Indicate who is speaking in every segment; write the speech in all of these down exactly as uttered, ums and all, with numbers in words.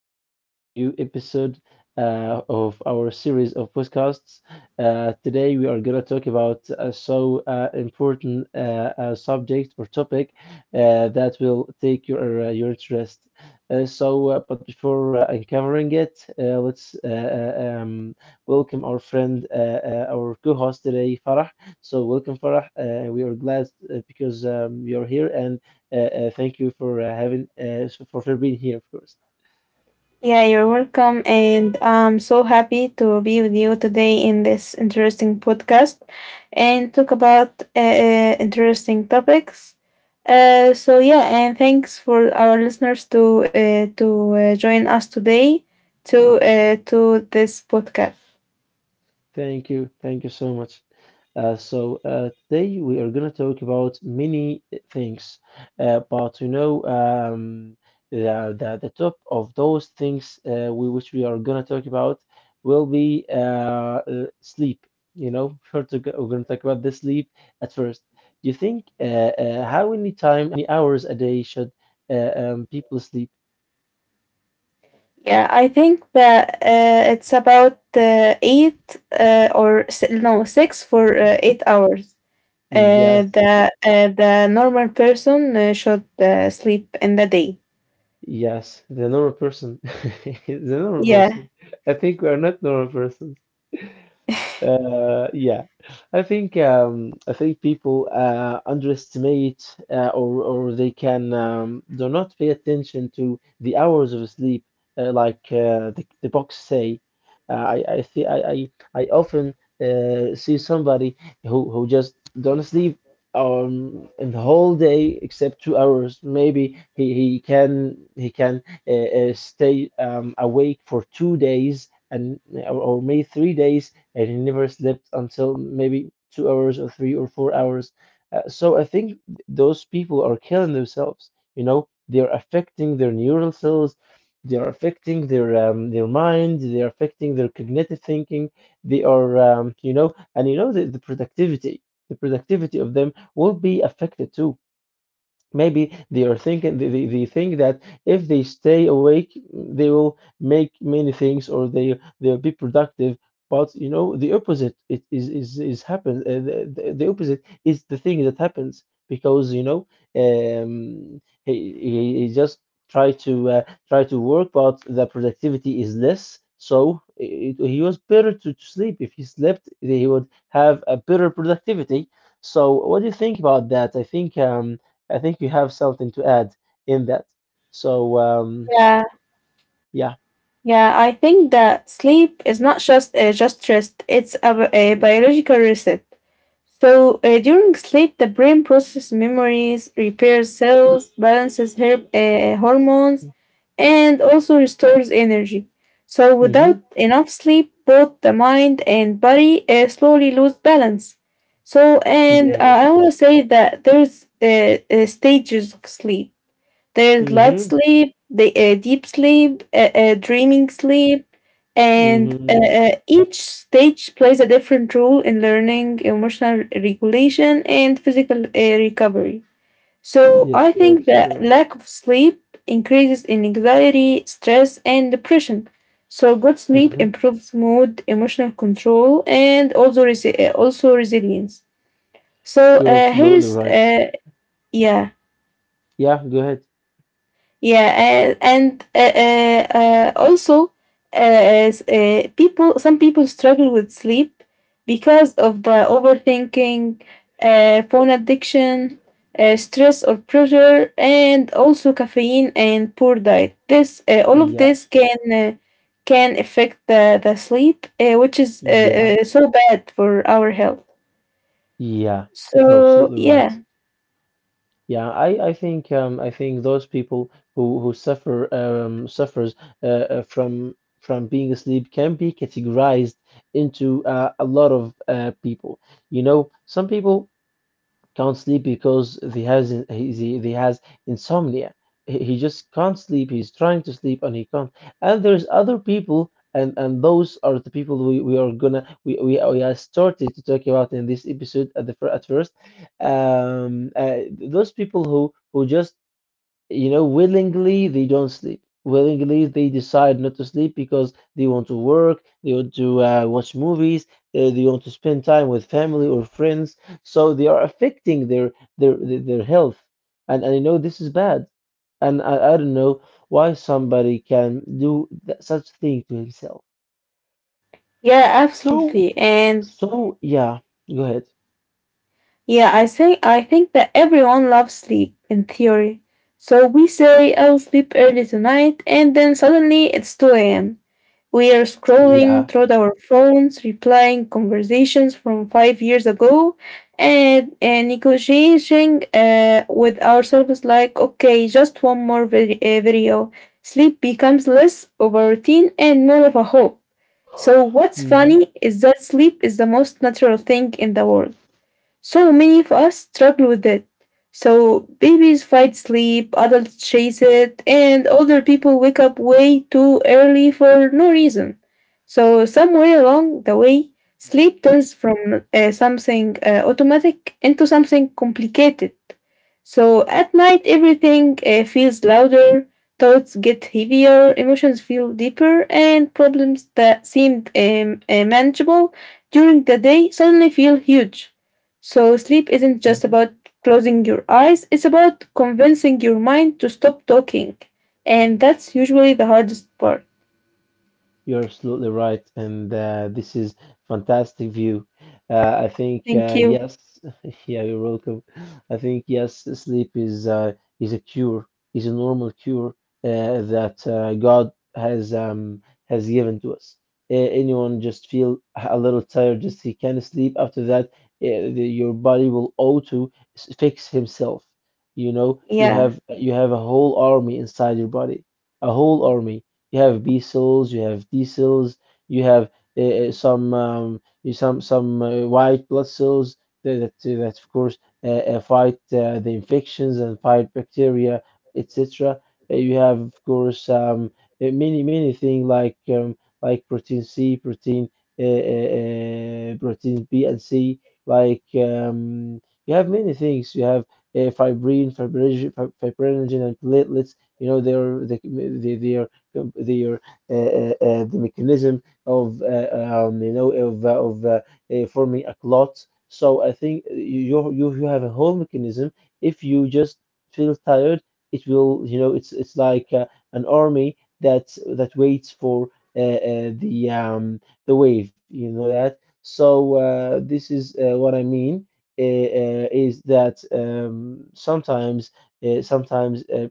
Speaker 1: Welcome to a new episode uh, of our series of podcasts. Uh, today, we are going to talk about a so uh, important uh, uh, subject or topic uh, that will take your uh, your interest. Uh, so, uh, but before uh, uncovering it, uh, let's uh, uh, um, welcome our friend, uh, uh, our co-host today, Farah. So, welcome, Farah. Uh, we are glad uh, because um, you're here, and uh, uh, thank you for uh, having uh, for for being here, of course.
Speaker 2: Yeah, you're welcome. And I'm so happy to be with you today in this interesting podcast and talk about uh, uh, interesting topics. Uh, so yeah, and thanks for our listeners to uh, to uh, join us today to uh, to this podcast.
Speaker 1: Thank you. Thank you so much. Uh, so, uh, today we are going to talk about many eh, things, uh, but you know, um, the, the, the top of those things uh, we, which we are going to talk about will be uh, uh, sleep. You know, first we're going to talk about the sleep at first. Do you think uh, uh, how many time, how many hours a day should uh, um, people sleep?
Speaker 2: Yeah, I think that uh, it's about uh, eight uh, or s- no, six for uh, eight hours. Uh,
Speaker 1: Yes.
Speaker 2: the uh, the normal person uh, should uh, sleep in the day.
Speaker 1: Yes, the normal person. The normal
Speaker 2: Yeah,
Speaker 1: person. I think we are not normal person. Uh, yeah, I think um, I think people uh, underestimate uh, or or they can um, do not pay attention to the hours of sleep uh, like uh, the the books say. Uh, I I see I I, I often uh, see somebody who who just don't sleep um in the whole day except two hours. Maybe he he can he can uh, uh, stay um, awake for two days, and or, or maybe three days, and he never slept until maybe two hours or three or four hours. Uh, so I think th- those people are killing themselves. You know, they are affecting their neural cells, they are affecting their um, their mind, they are affecting their cognitive thinking. They are, um, you know, and you know the, the productivity, the productivity of them will be affected too. Maybe they are thinking they, they, they think that if they stay awake they will make many things, or they they'll be productive. But you know the opposite it is is is happens uh, the, the, the opposite is the thing that happens, because you know um he, he, he just try to uh, try to work but the productivity is less. So it, he was better to, to sleep. If he slept he would have a better productivity. So what do you think about that? i think um I think you have something to add in that. So um,
Speaker 2: yeah,
Speaker 1: yeah.
Speaker 2: yeah. I think that sleep is not just uh, just rest; it's a, bi- a biological reset. So uh, during sleep, the brain processes memories, repairs cells, balances her- uh, hormones, and also restores energy. So
Speaker 1: hmm
Speaker 2: without enough sleep, both the mind and body uh, slowly lose balance. So, and uh, I want
Speaker 1: Yes.
Speaker 2: to say that there's uh, uh, stages of sleep. There's light
Speaker 1: hmm
Speaker 2: sleep, the uh, deep sleep, uh, uh, dreaming sleep, and uh,
Speaker 1: hmm
Speaker 2: uh, each stage plays a different role in learning, emotional regulation, and physical uh, recovery. So
Speaker 1: Yes,
Speaker 2: I
Speaker 1: you're
Speaker 2: think
Speaker 1: absolutely
Speaker 2: that
Speaker 1: right.
Speaker 2: lack of sleep increases in anxiety, stress, and depression. So good sleep
Speaker 1: hmm
Speaker 2: improves mood, emotional control, and also resi- uh, also resilience. So
Speaker 1: You're
Speaker 2: uh,
Speaker 1: absolutely
Speaker 2: here's
Speaker 1: right.
Speaker 2: uh, yeah.
Speaker 1: Yeah, go ahead.
Speaker 2: Yeah, and and uh, uh, uh, also, uh, as, uh, People, some people struggle with sleep because of the overthinking, uh, phone addiction, uh, stress or pressure, and also caffeine and poor diet. This uh, All of
Speaker 1: Yeah,
Speaker 2: this can uh, can affect the the sleep, uh, which is uh,
Speaker 1: yeah,
Speaker 2: uh, so bad for our health.
Speaker 1: yeah. You're
Speaker 2: So
Speaker 1: absolutely
Speaker 2: yeah,
Speaker 1: right. Yeah, I, I think um I think those people who who suffer um suffers uh, uh, from from being asleep can be categorized into uh, a lot of uh, people. You know, some people can't sleep because he has he, he he has insomnia. He he just can't sleep. He's trying to sleep and he can't. And there's other people, and and those are the people we, we are gonna we, we we are started to talk about in this episode at the fir- at first. Um, uh, those people who who just you know, willingly they don't sleep. Willingly they decide not to sleep because they want to work, they want to uh, watch movies, uh, they want to spend time with family or friends. So they are affecting their their their their health, and and you know this is bad. And I, I don't know why somebody can do that, such thing to himself.
Speaker 2: yeah,
Speaker 1: So
Speaker 2: absolutely, and
Speaker 1: so yeah, go ahead.
Speaker 2: yeah, I say I think that everyone loves sleep in theory. So we say I'll sleep early tonight, and then suddenly it's two a m. We are scrolling
Speaker 1: Yeah.
Speaker 2: through our phones, replying conversations from five years ago, and, and negotiating uh, with ourselves like, okay, just one more vid- uh, video. Sleep becomes less of a routine and more of a hope. So what's
Speaker 1: hmm
Speaker 2: funny is that sleep is the most natural thing in the world, so many of us struggle with it. So babies fight sleep, adults chase it, and older people wake up way too early for no reason. So somewhere along the way, sleep turns from uh, something uh, automatic into something complicated. So at night, everything uh, feels louder, thoughts get heavier, emotions feel deeper, and problems that seemed um, uh, manageable during the day suddenly feel huge. So, sleep isn't just about closing your eyes, it's about convincing your mind to stop talking. And that's usually the hardest part.
Speaker 1: You're absolutely right, and uh, this is fantastic view. Uh, I think
Speaker 2: Thank
Speaker 1: uh,
Speaker 2: you.
Speaker 1: yes, yeah, you're welcome. I think yes, sleep is uh, is a cure, is a normal cure uh, that uh, God has um, has given to us. Uh, Anyone just feel a little tired, just he can sleep. After that, uh, the, your body will auto s- fix himself. You know, you
Speaker 2: Yeah.
Speaker 1: have you have a whole army inside your body, a whole army. You have B cells, you have D cells, you have uh, uh, some um, some some uh, white blood cells that that, eh, that of course uh, uh, fight uh, the infections and fight bacteria, et cetera. Uh, you have of course um, uh, many many things like um, like protein C, protein uh, uh, uh, protein B and C. Like um, you have many things. You have uh, fibrin, fibrinogen, fib- fibrinogen, and platelets. You know they're they, they, they com- their uh, uh, uh, the mechanism of uh, um, you know of uh, of uh, uh, forming a clot. So I think you you you you have a whole mechanism. If you just feel tired, it will you know it's it's like uh, an army that that waits for uh, uh, the um, the wave. You know that. So uh, this is uh, what I mean uh, uh, is that um, sometimes uh, sometimes uh,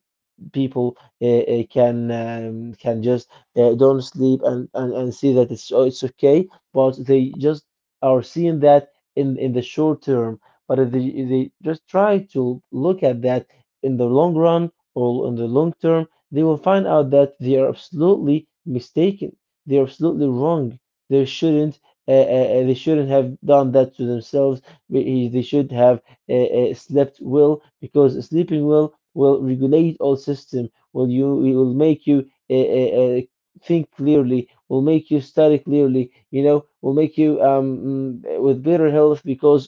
Speaker 1: people uh, uh, can um, can just uh, don't sleep, and, and and see that it's oh, it's okay, but they just are seeing that in in the short term. But if they, if they just try to look at that in the long run or in the long term, they will find out that they are absolutely mistaken, they are absolutely wrong. They shouldn't uh, uh, uh, they shouldn't have done that to themselves. We- they should have uh, uh, slept well, because sleeping well will regulate all system, will you it will make you uh, uh, uh, think clearly, will make you study clearly, you know, will make you um mm, with better health, because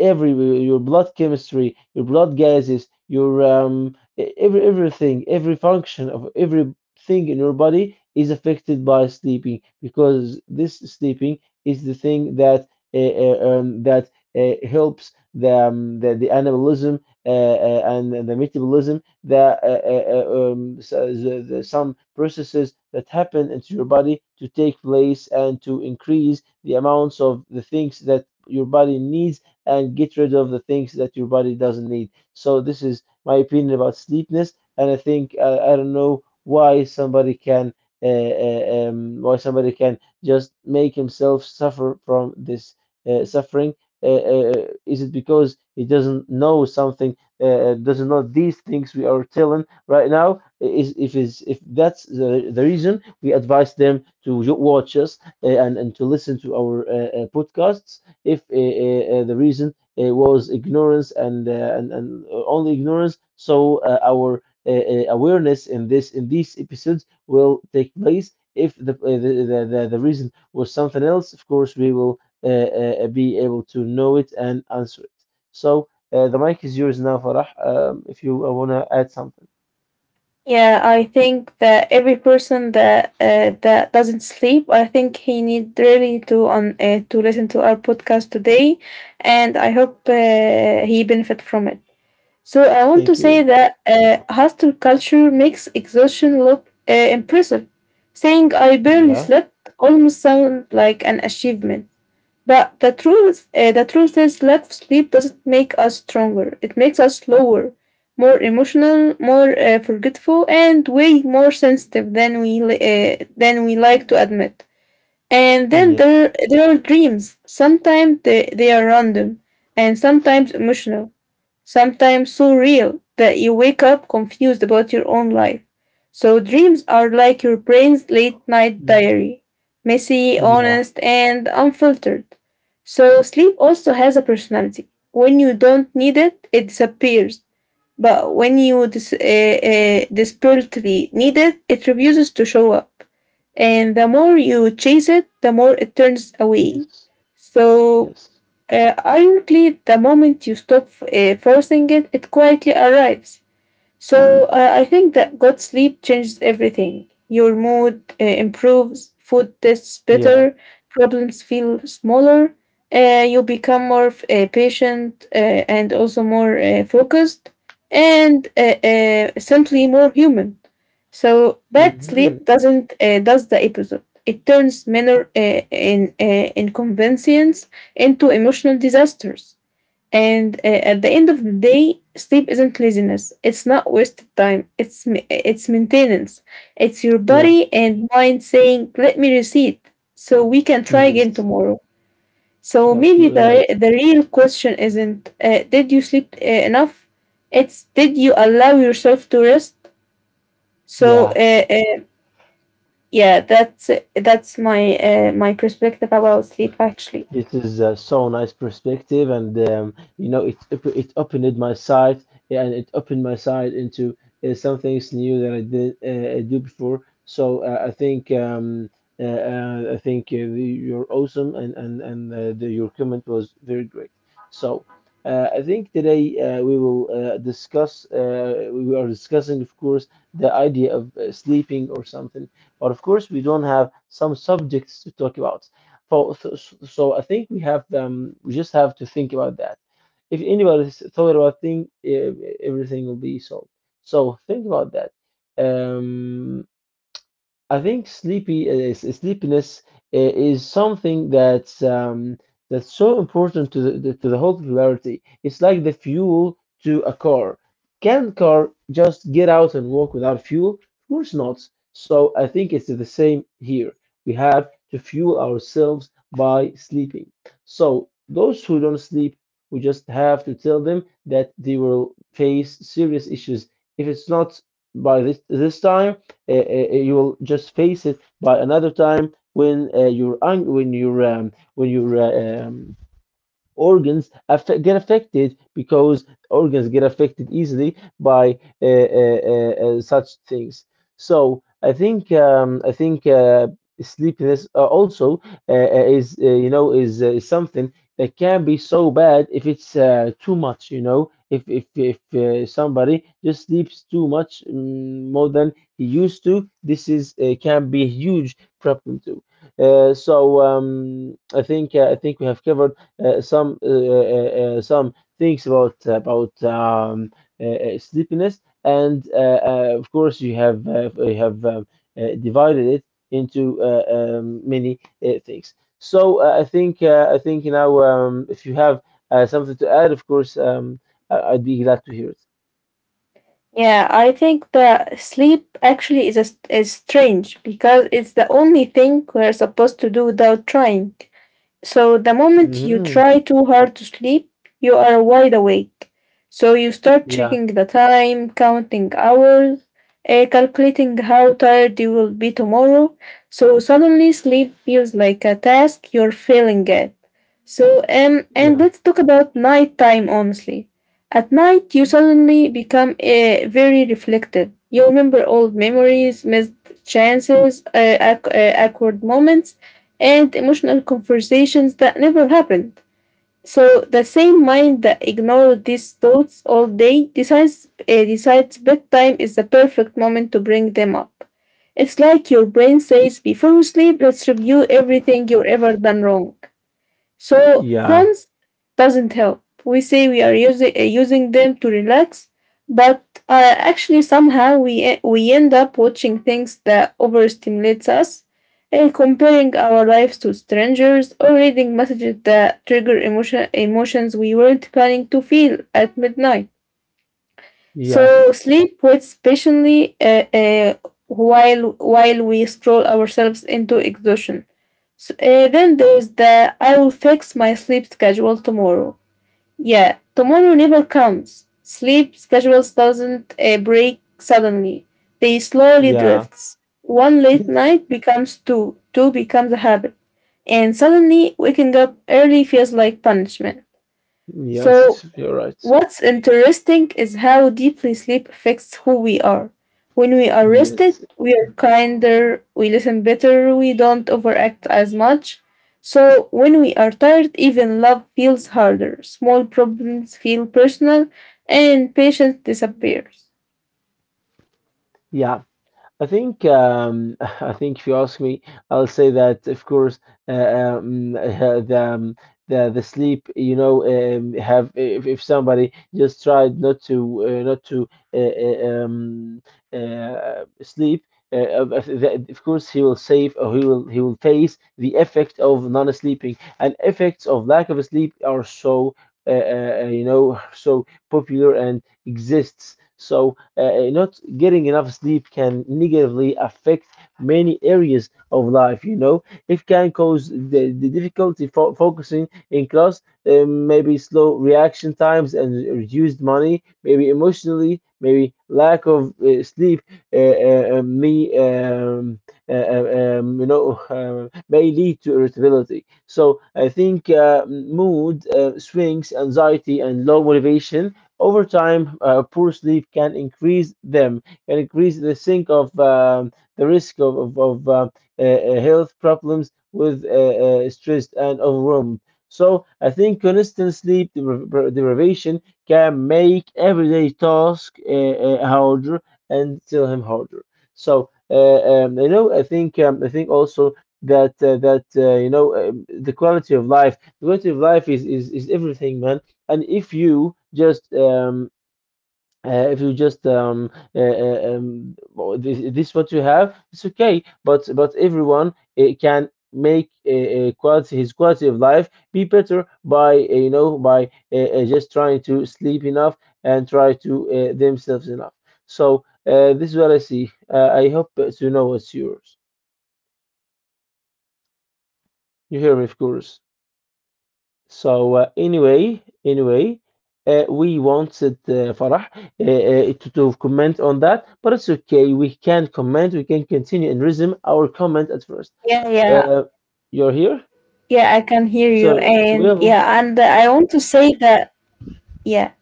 Speaker 1: every your blood chemistry, your blood gases, your um e- every everything, every function of everything in your body is affected by sleeping. Because this sleeping is the thing that uh, uh, um, that uh, helps the, um, the the anabolism uh, uh, and the metabolism, the, uh, uh, uh, um, uh, the, the, some processes that happen into your body to take place and to increase the amounts of the things that your body needs and get rid of the things that your body doesn't need. So this is my opinion about sleepness, and I think uh, I don't know why somebody can uh, uh, um, why somebody can just make himself suffer from this uh, suffering. Uh, uh, is it because he doesn't know something uh, does not these things we are telling right now? Is if is if that's the, the reason, we advise them to watch us uh, and and to listen to our uh, uh, podcasts. If uh, uh, uh, the reason uh, was ignorance and uh, and, and uh, only ignorance, so uh, our uh, uh, awareness in this in these episodes will take place. If the uh, the, the, the the reason was something else, of course we will uh, uh, be able to know it and answer it. So uh, the mic is yours now, Farah. Um, if you uh, wanna add something.
Speaker 2: Yeah, I think that every person that uh, that doesn't sleep, I think he need really to on uh, to listen to our podcast today, and I hope uh, he benefit from it. So I want to
Speaker 1: Thank you.
Speaker 2: say that uh, hostile culture makes exhaustion look uh, impressive. Saying I barely
Speaker 1: Yeah.
Speaker 2: slept almost sounds like an achievement. But the truth, uh, the truth is, lack of sleep doesn't make us stronger. It makes us slower, more emotional, more uh, forgetful, and way more sensitive than we li- uh, than we like to admit. And then
Speaker 1: Yes.
Speaker 2: there there are dreams. Sometimes they, they are random, and sometimes emotional, sometimes so real that you wake up confused about your own life. So, dreams are like your brain's late night
Speaker 1: Mhm.
Speaker 2: diary, messy,
Speaker 1: Yeah.
Speaker 2: honest, and unfiltered. So, sleep also has a personality. When you don't need it, it disappears. But when you dis- uh, uh, desperately need it, it refuses to show up. And the more you chase it, the more it turns away.
Speaker 1: Yes.
Speaker 2: So,
Speaker 1: Yes.
Speaker 2: uh, ironically, the moment you stop uh, forcing it, it quietly arrives. So I I think that good sleep changes everything. Your mood uh, improves, food tastes
Speaker 1: Yeah.
Speaker 2: better, problems feel smaller, uh, you become more uh, patient uh, and also more uh, focused, and uh, uh, simply more human. So bad
Speaker 1: hmm
Speaker 2: sleep doesn't uh, does the opposite. It turns minor uh, in, uh, inconvenience into emotional disasters. And uh, at the end of the day, sleep isn't laziness. It's not wasted time. It's ma- it's maintenance. It's your
Speaker 1: Yeah.
Speaker 2: body and mind saying, "Let me reset, so we can try again
Speaker 1: Yes.
Speaker 2: tomorrow." So
Speaker 1: You're
Speaker 2: maybe
Speaker 1: absolutely
Speaker 2: the
Speaker 1: right.
Speaker 2: re- the real question isn't, uh, "Did you sleep uh, enough?" It's, "Did you allow yourself to rest?" So
Speaker 1: Yeah.
Speaker 2: uh, uh, yeah, that's that's my uh, my perspective about sleep, actually.
Speaker 1: It is uh, so nice perspective, and um, you know, it op- it opened my sight, and it opened my sight into uh, some things new that I didn't uh, do before. So uh, I think um, uh, uh, I think uh, you're awesome, and and and uh, the, your comment was very great. So uh, I think today uh, we will uh, discuss. Uh, we are discussing, of course, the idea of uh, sleeping or something, but of course we don't have some subjects to talk about. So, so, so I think we have them. We just have to think about that. If anybody s- thought about thing, e- everything will be solved. So think about that. Um, I think sleepy is sleepiness i- is something that's um, that's so important to the to the whole popularity. It's like the fuel to a car. Can car just get out and walk without fuel? Of course not. So I think it's the same here. We have to fuel ourselves by sleeping. So those who don't sleep, we just have to tell them that they will face serious issues. If it's not by this this time uh, uh, uh, you will just face it by another time, when uh, you're ang- when you're um, when you're uh, um, organs affect, get affected, because organs get affected easily by uh, uh, uh, uh, such things. So I think um, I think uh, sleepiness uh, also uh, uh, is uh, you know is, uh, is something that can be so bad if it's uh, too much. You know, if if if uh, somebody just sleeps too much mm, more than he used to, this is uh, can be a huge problem too. Uh, so um, I think uh, I think we have covered uh, some uh, uh, uh, some things about about um, uh, uh, sleepiness, and uh, uh, of course you have uh, you have um, uh, divided it into uh, um, many uh, things. So uh, I think uh, I think now um, if you have uh, something to add, of course um, I- I'd be glad to hear it.
Speaker 2: Yeah, I think that sleep actually is a, is strange because it's the only thing we're supposed to do without trying. So the moment you
Speaker 1: Hmm.
Speaker 2: try too hard to sleep, you are wide awake. So you start
Speaker 1: Yeah,
Speaker 2: checking the time, counting hours, uh, calculating how tired you will be tomorrow. So suddenly sleep feels like a task you're failing at. So um and
Speaker 1: yeah,
Speaker 2: let's talk about nighttime honestly. At night you suddenly become uh, very reflective. You remember old memories, missed chances, uh, ac- uh, awkward moments and emotional conversations that never happened. So the same mind that ignored these thoughts all day decides uh, decides bedtime is the perfect moment to bring them up. It's like your brain says, "Before we sleep, let's review everything you've ever done wrong." So
Speaker 1: yeah,
Speaker 2: phones doesn't help. We say we are using uh, using them to relax, but uh, actually somehow we e- we end up watching things that overstimulates us, and comparing our lives to strangers, or reading messages that trigger emotion emotions we weren't planning to feel at midnight.
Speaker 1: yeah,
Speaker 2: So sleep waits patiently uh, uh, while while we stroll ourselves into exhaustion. So, uh, then there's the I will fix my sleep schedule tomorrow. Yeah, tomorrow never comes. Sleep schedules doesn't uh, break suddenly. They slowly
Speaker 1: yeah.
Speaker 2: drifts. One late
Speaker 1: Yes,
Speaker 2: night becomes two. Two becomes a habit. And suddenly waking up early feels like punishment.
Speaker 1: yes,
Speaker 2: So,
Speaker 1: you're right.
Speaker 2: what's interesting is how deeply sleep affects who we are. When we are
Speaker 1: Yes,
Speaker 2: rested, we are kinder, we listen better, we don't overact as much. So, when we are tired, even love feels harder, small problems feel personal, and patience disappears.
Speaker 1: yeah. I think um, I think if you ask me, I'll say that of course uh, um, uh, the um, the the sleep you know um, have if, if somebody just tried not to uh, not to uh, uh, um, uh, sleep. Uh, of of- the- of course, he will save or he will he will face the effect of non-sleeping and effects of lack of sleep are so uh, uh, uh, you know so popular and exists. So uh, uh, not getting enough sleep can negatively affect many areas of life. You know, it can cause the, the difficulty fo- focusing in class, uh, maybe slow reaction times and reduced money, maybe emotionally, maybe lack of uh, sleep. Uh, uh, uh, me, um, uh, uh, um, you know, uh, may lead to irritability. So I think uh, mood uh, swings, anxiety, and low motivation over time, uh, poor sleep can increase them, can increase the sink of um, the risk of of, of uh, uh, uh, health problems with uh, uh, stressed and overwhelmed. So I think constant sleep depri- deprivation can make everyday task uh, uh, harder and still him harder. So uh, um, you know, I think um, I think also that uh, that uh, you know um, the quality of life, the quality of life is is, is everything, man, and if you just um, uh, if you just um, uh, uh, um, well, this, this what you have, it's okay, but but everyone uh, can make uh, uh, quality his quality of life be better by uh, you know by uh, uh, just trying to sleep enough and try to uh, themselves enough. So uh, this is what I see. uh, I hope to know what's yours. You hear me, of course. So uh, anyway, anyway, uh, we wanted uh, Farah uh, uh, to, to comment on that, but it's okay. We can comment. We can continue and resume our comment at first.
Speaker 2: Yeah, yeah,
Speaker 1: Uh, you're here,
Speaker 2: yeah, I can hear you.
Speaker 1: so we
Speaker 2: And
Speaker 1: will.
Speaker 2: yeah, and I want to say that, yeah.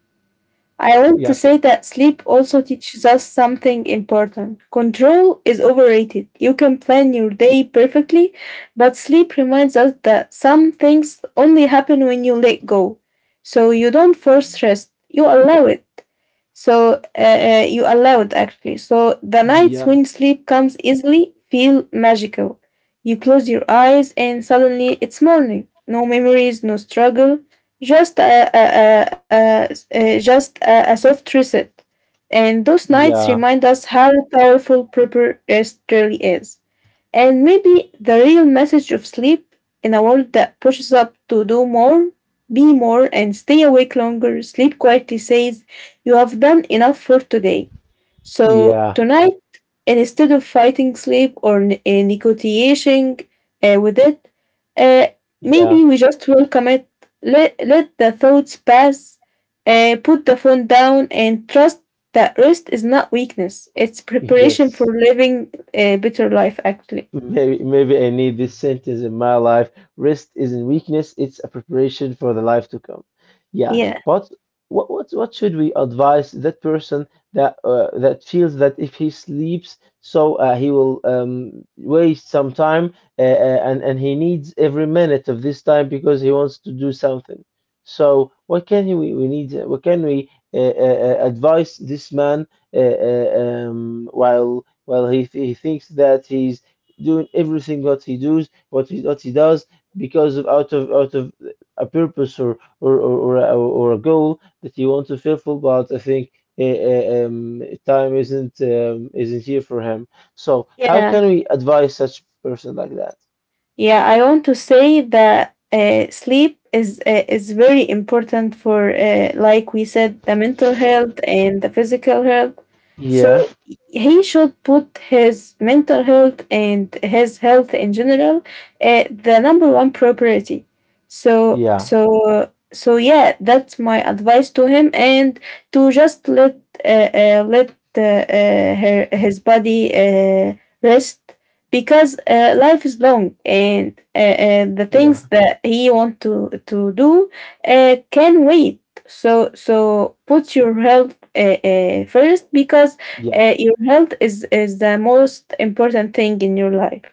Speaker 2: I want to
Speaker 1: Yeah,
Speaker 2: say that sleep also teaches us something important. Control is overrated. You can plan your day perfectly, but sleep reminds us that some things only happen when you let go. So you don't force rest, you allow it. So uh, uh, you allowed, actually. So the nights
Speaker 1: yeah,
Speaker 2: when sleep comes easily feel magical. You close your eyes and suddenly it's morning. No memories, no struggle, just a, a, a, a, a- just a, a soft reset. And those nights
Speaker 1: yeah,
Speaker 2: remind us how powerful proper rest really is. And maybe the real message of sleep in a world that pushes up to do more, be more, and stay awake longer, sleep quietly says, you have done enough for today. So
Speaker 1: yeah,
Speaker 2: tonight, instead of fighting sleep or n- uh, negotiating uh, with it, uh,
Speaker 1: yeah.
Speaker 2: maybe we just welcome it, let, let the thoughts pass, uh, put the phone down, and trust that rest is not weakness, it's preparation for
Speaker 1: Yes,
Speaker 2: living a better life, actually.
Speaker 1: maybe, maybe I need this sentence in my life. Rest isn't weakness, it's a preparation for the life to come. Yeah,
Speaker 2: Yeah,
Speaker 1: but what what what should we advise that person that uh, that feels that if he sleeps, so uh, he will um, waste some time uh, uh, and and he needs every minute of this time because he wants to do something. So what can he, we we need? What can we uh, uh, uh, advise this man uh, uh, um, while while he, he thinks that he's doing everything what he does, what he what he does, because of out of out of a purpose or or or or a, or a goal that he wants to fulfill. But I think uh, uh, um, time isn't um, isn't here for him. So how
Speaker 2: yeah,
Speaker 1: can we advise such person like that?
Speaker 2: yeah. I want to say that uh, sleep is uh, is very important for, uh, like we said, the mental health and the physical health.
Speaker 1: Yeah,
Speaker 2: So he should put his mental health and his health in general uh, the number one priority. So
Speaker 1: yeah,
Speaker 2: so so yeah, that's my advice to him and to just let uh, uh, let uh, uh, her his body uh, rest, because uh, life is long and uh, uh, the things
Speaker 1: yeah,
Speaker 2: that he want to to do uh, can wait, so so put your health uh, uh, first, because
Speaker 1: yeah.
Speaker 2: uh, your health is is the most important thing in your life,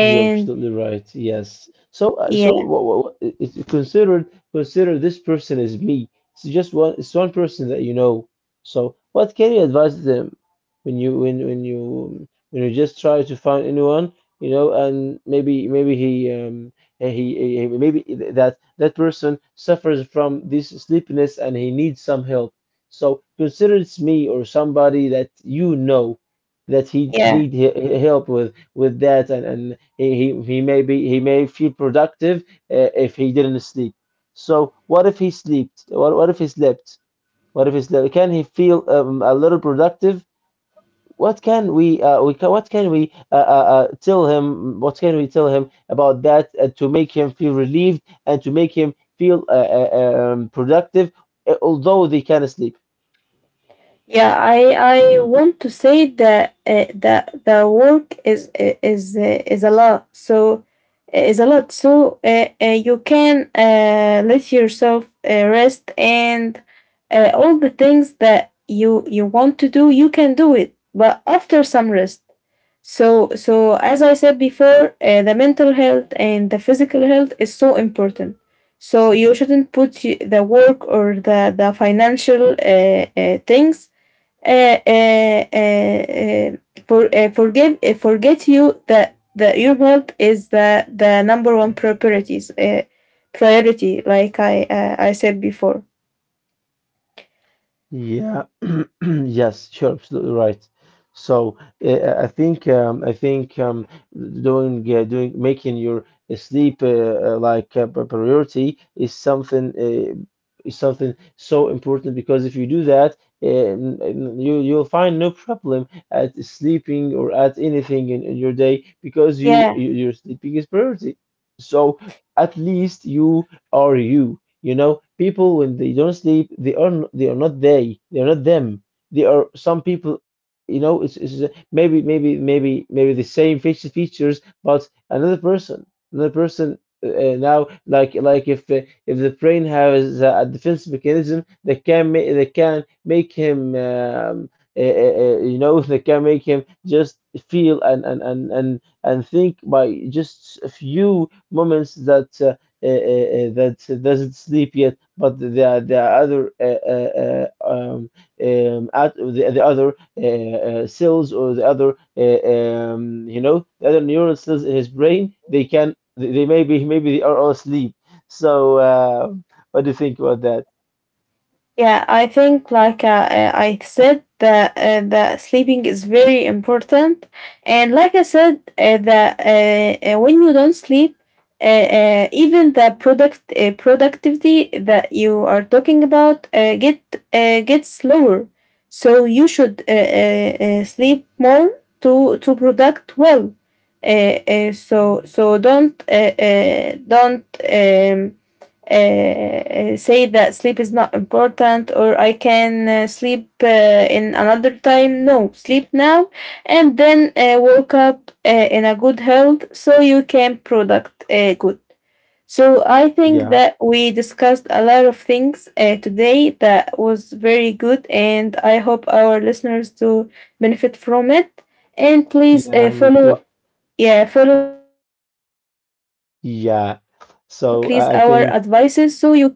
Speaker 1: You're absolutely right. Yes. So, uh, so
Speaker 2: yeah.
Speaker 1: what, what, it, consider consider this person as me. It's just one. It's one person that you know. So, what can you advise them when you when when you when you just try to find anyone, you know, and maybe maybe he um he, he he- maybe that that person suffers from this sleepiness and he needs some help. So, consider it's me or somebody that you know that he
Speaker 2: Yeah.
Speaker 1: need he- he- help with with that, and and he, he, he may be he may feel productive uh, if he didn't sleep. So what if he slept? What, what if he slept? What if he slept? Can he feel um, a little productive? What can we uh, we can, what can we uh, uh, uh, tell him? What can we tell him about that uh, to make him feel relieved and to make him feel uh, uh, um, productive, uh, although they can sleep?
Speaker 2: Yeah, I I want to say that uh, that the work is I- is uh, is a lot. So eh, is a lot. So uh, uh, you can uh, let yourself uh, rest, and uh, all the things that you you want to do, you can do it, but after some rest. So so as I said before, uh, the mental health and the physical health is so important. So you shouldn't put y- the work or the the financial uh, uh, things uh, uh, uh, for, uh, forgive uh, forget you that that your health is the the number one priorities uh, priority, like I uh, I said before.
Speaker 1: Yeah. Yes, sure, absolutely right. So uh, I think um, I think um, doing uh, doing making your sleep uh, uh, like a p- priority is something uh, is something so important because if you do that, uh, n- n- you you'll find no problem at sleeping or at anything in, in your day because you
Speaker 2: Yeah.
Speaker 1: you- your sleeping is priority. So at least you are you. You know, people when they don't sleep, they are n- they are not they, they are not them. They are some people. You know, it's, it's uh, maybe maybe maybe maybe the same facial features, but another person, another person. Uh, uh, now, like like if uh, if the brain has a, a defense mechanism that can ma- that can make him um, uh, uh, uh, you know that can make him just feel and and and and and think by just a few moments that uh, uh, uh, uh, that doesn't sleep yet, but the the other uh, uh, uh, um, um, at the, the other uh, uh, cells or the other uh, um, you know the other neural cells in his brain they can they, they maybe maybe they are all asleep. So uh, what do you think about that?
Speaker 2: Yeah, I think like uh, uh, I said that uh, the sleeping is very important, and like I said, uh, that uh, uh, when you don't sleep, uh, uh, even the product uh, productivity that you are talking about uh, get uh, gets lower. So you should uh, uh, uh, sleep more to to product well. Uh, uh, so so don't uh, uh, don't um, uh, say that sleep is not important or I can uh, sleep uh, in another time. No, sleep now, and then uh, wake up uh, in a good health so you can product uh, good. So I think
Speaker 1: Yeah,
Speaker 2: that we discussed a lot of things uh, today that was very good, and I hope our listeners to benefit from it. And please uh,
Speaker 1: yeah, me too.
Speaker 2: follow, yeah, follow please our advices so you
Speaker 1: Yeah.
Speaker 2: can uh,
Speaker 1: So
Speaker 2: uh,
Speaker 1: I I
Speaker 2: uh,
Speaker 1: think.
Speaker 2: yeah.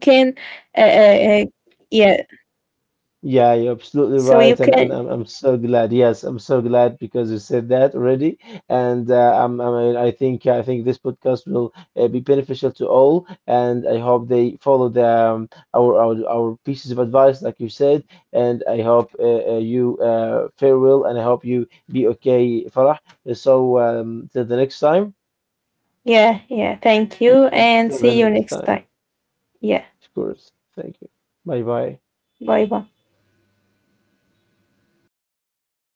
Speaker 1: Yeah,
Speaker 2: So
Speaker 1: you're
Speaker 2: you
Speaker 1: absolutely
Speaker 2: can,
Speaker 1: right, and, and I'm, I'm so glad. Yes, I'm so glad because you said that already, and uh, I'm, I mean, I think I think this podcast will uh, be beneficial to all, and I hope they follow the um, our, our our pieces of advice, like you said, and I hope uh, uh, you uh, farewell, and I hope you be okay, Farah. So um, till the next time,
Speaker 2: yeah, yeah. Thank you
Speaker 1: till
Speaker 2: and
Speaker 1: till the
Speaker 2: see you
Speaker 1: next
Speaker 2: next
Speaker 1: time,
Speaker 2: time. Yeah.
Speaker 1: of course. Thank you. Bye bye.
Speaker 2: Bye bye.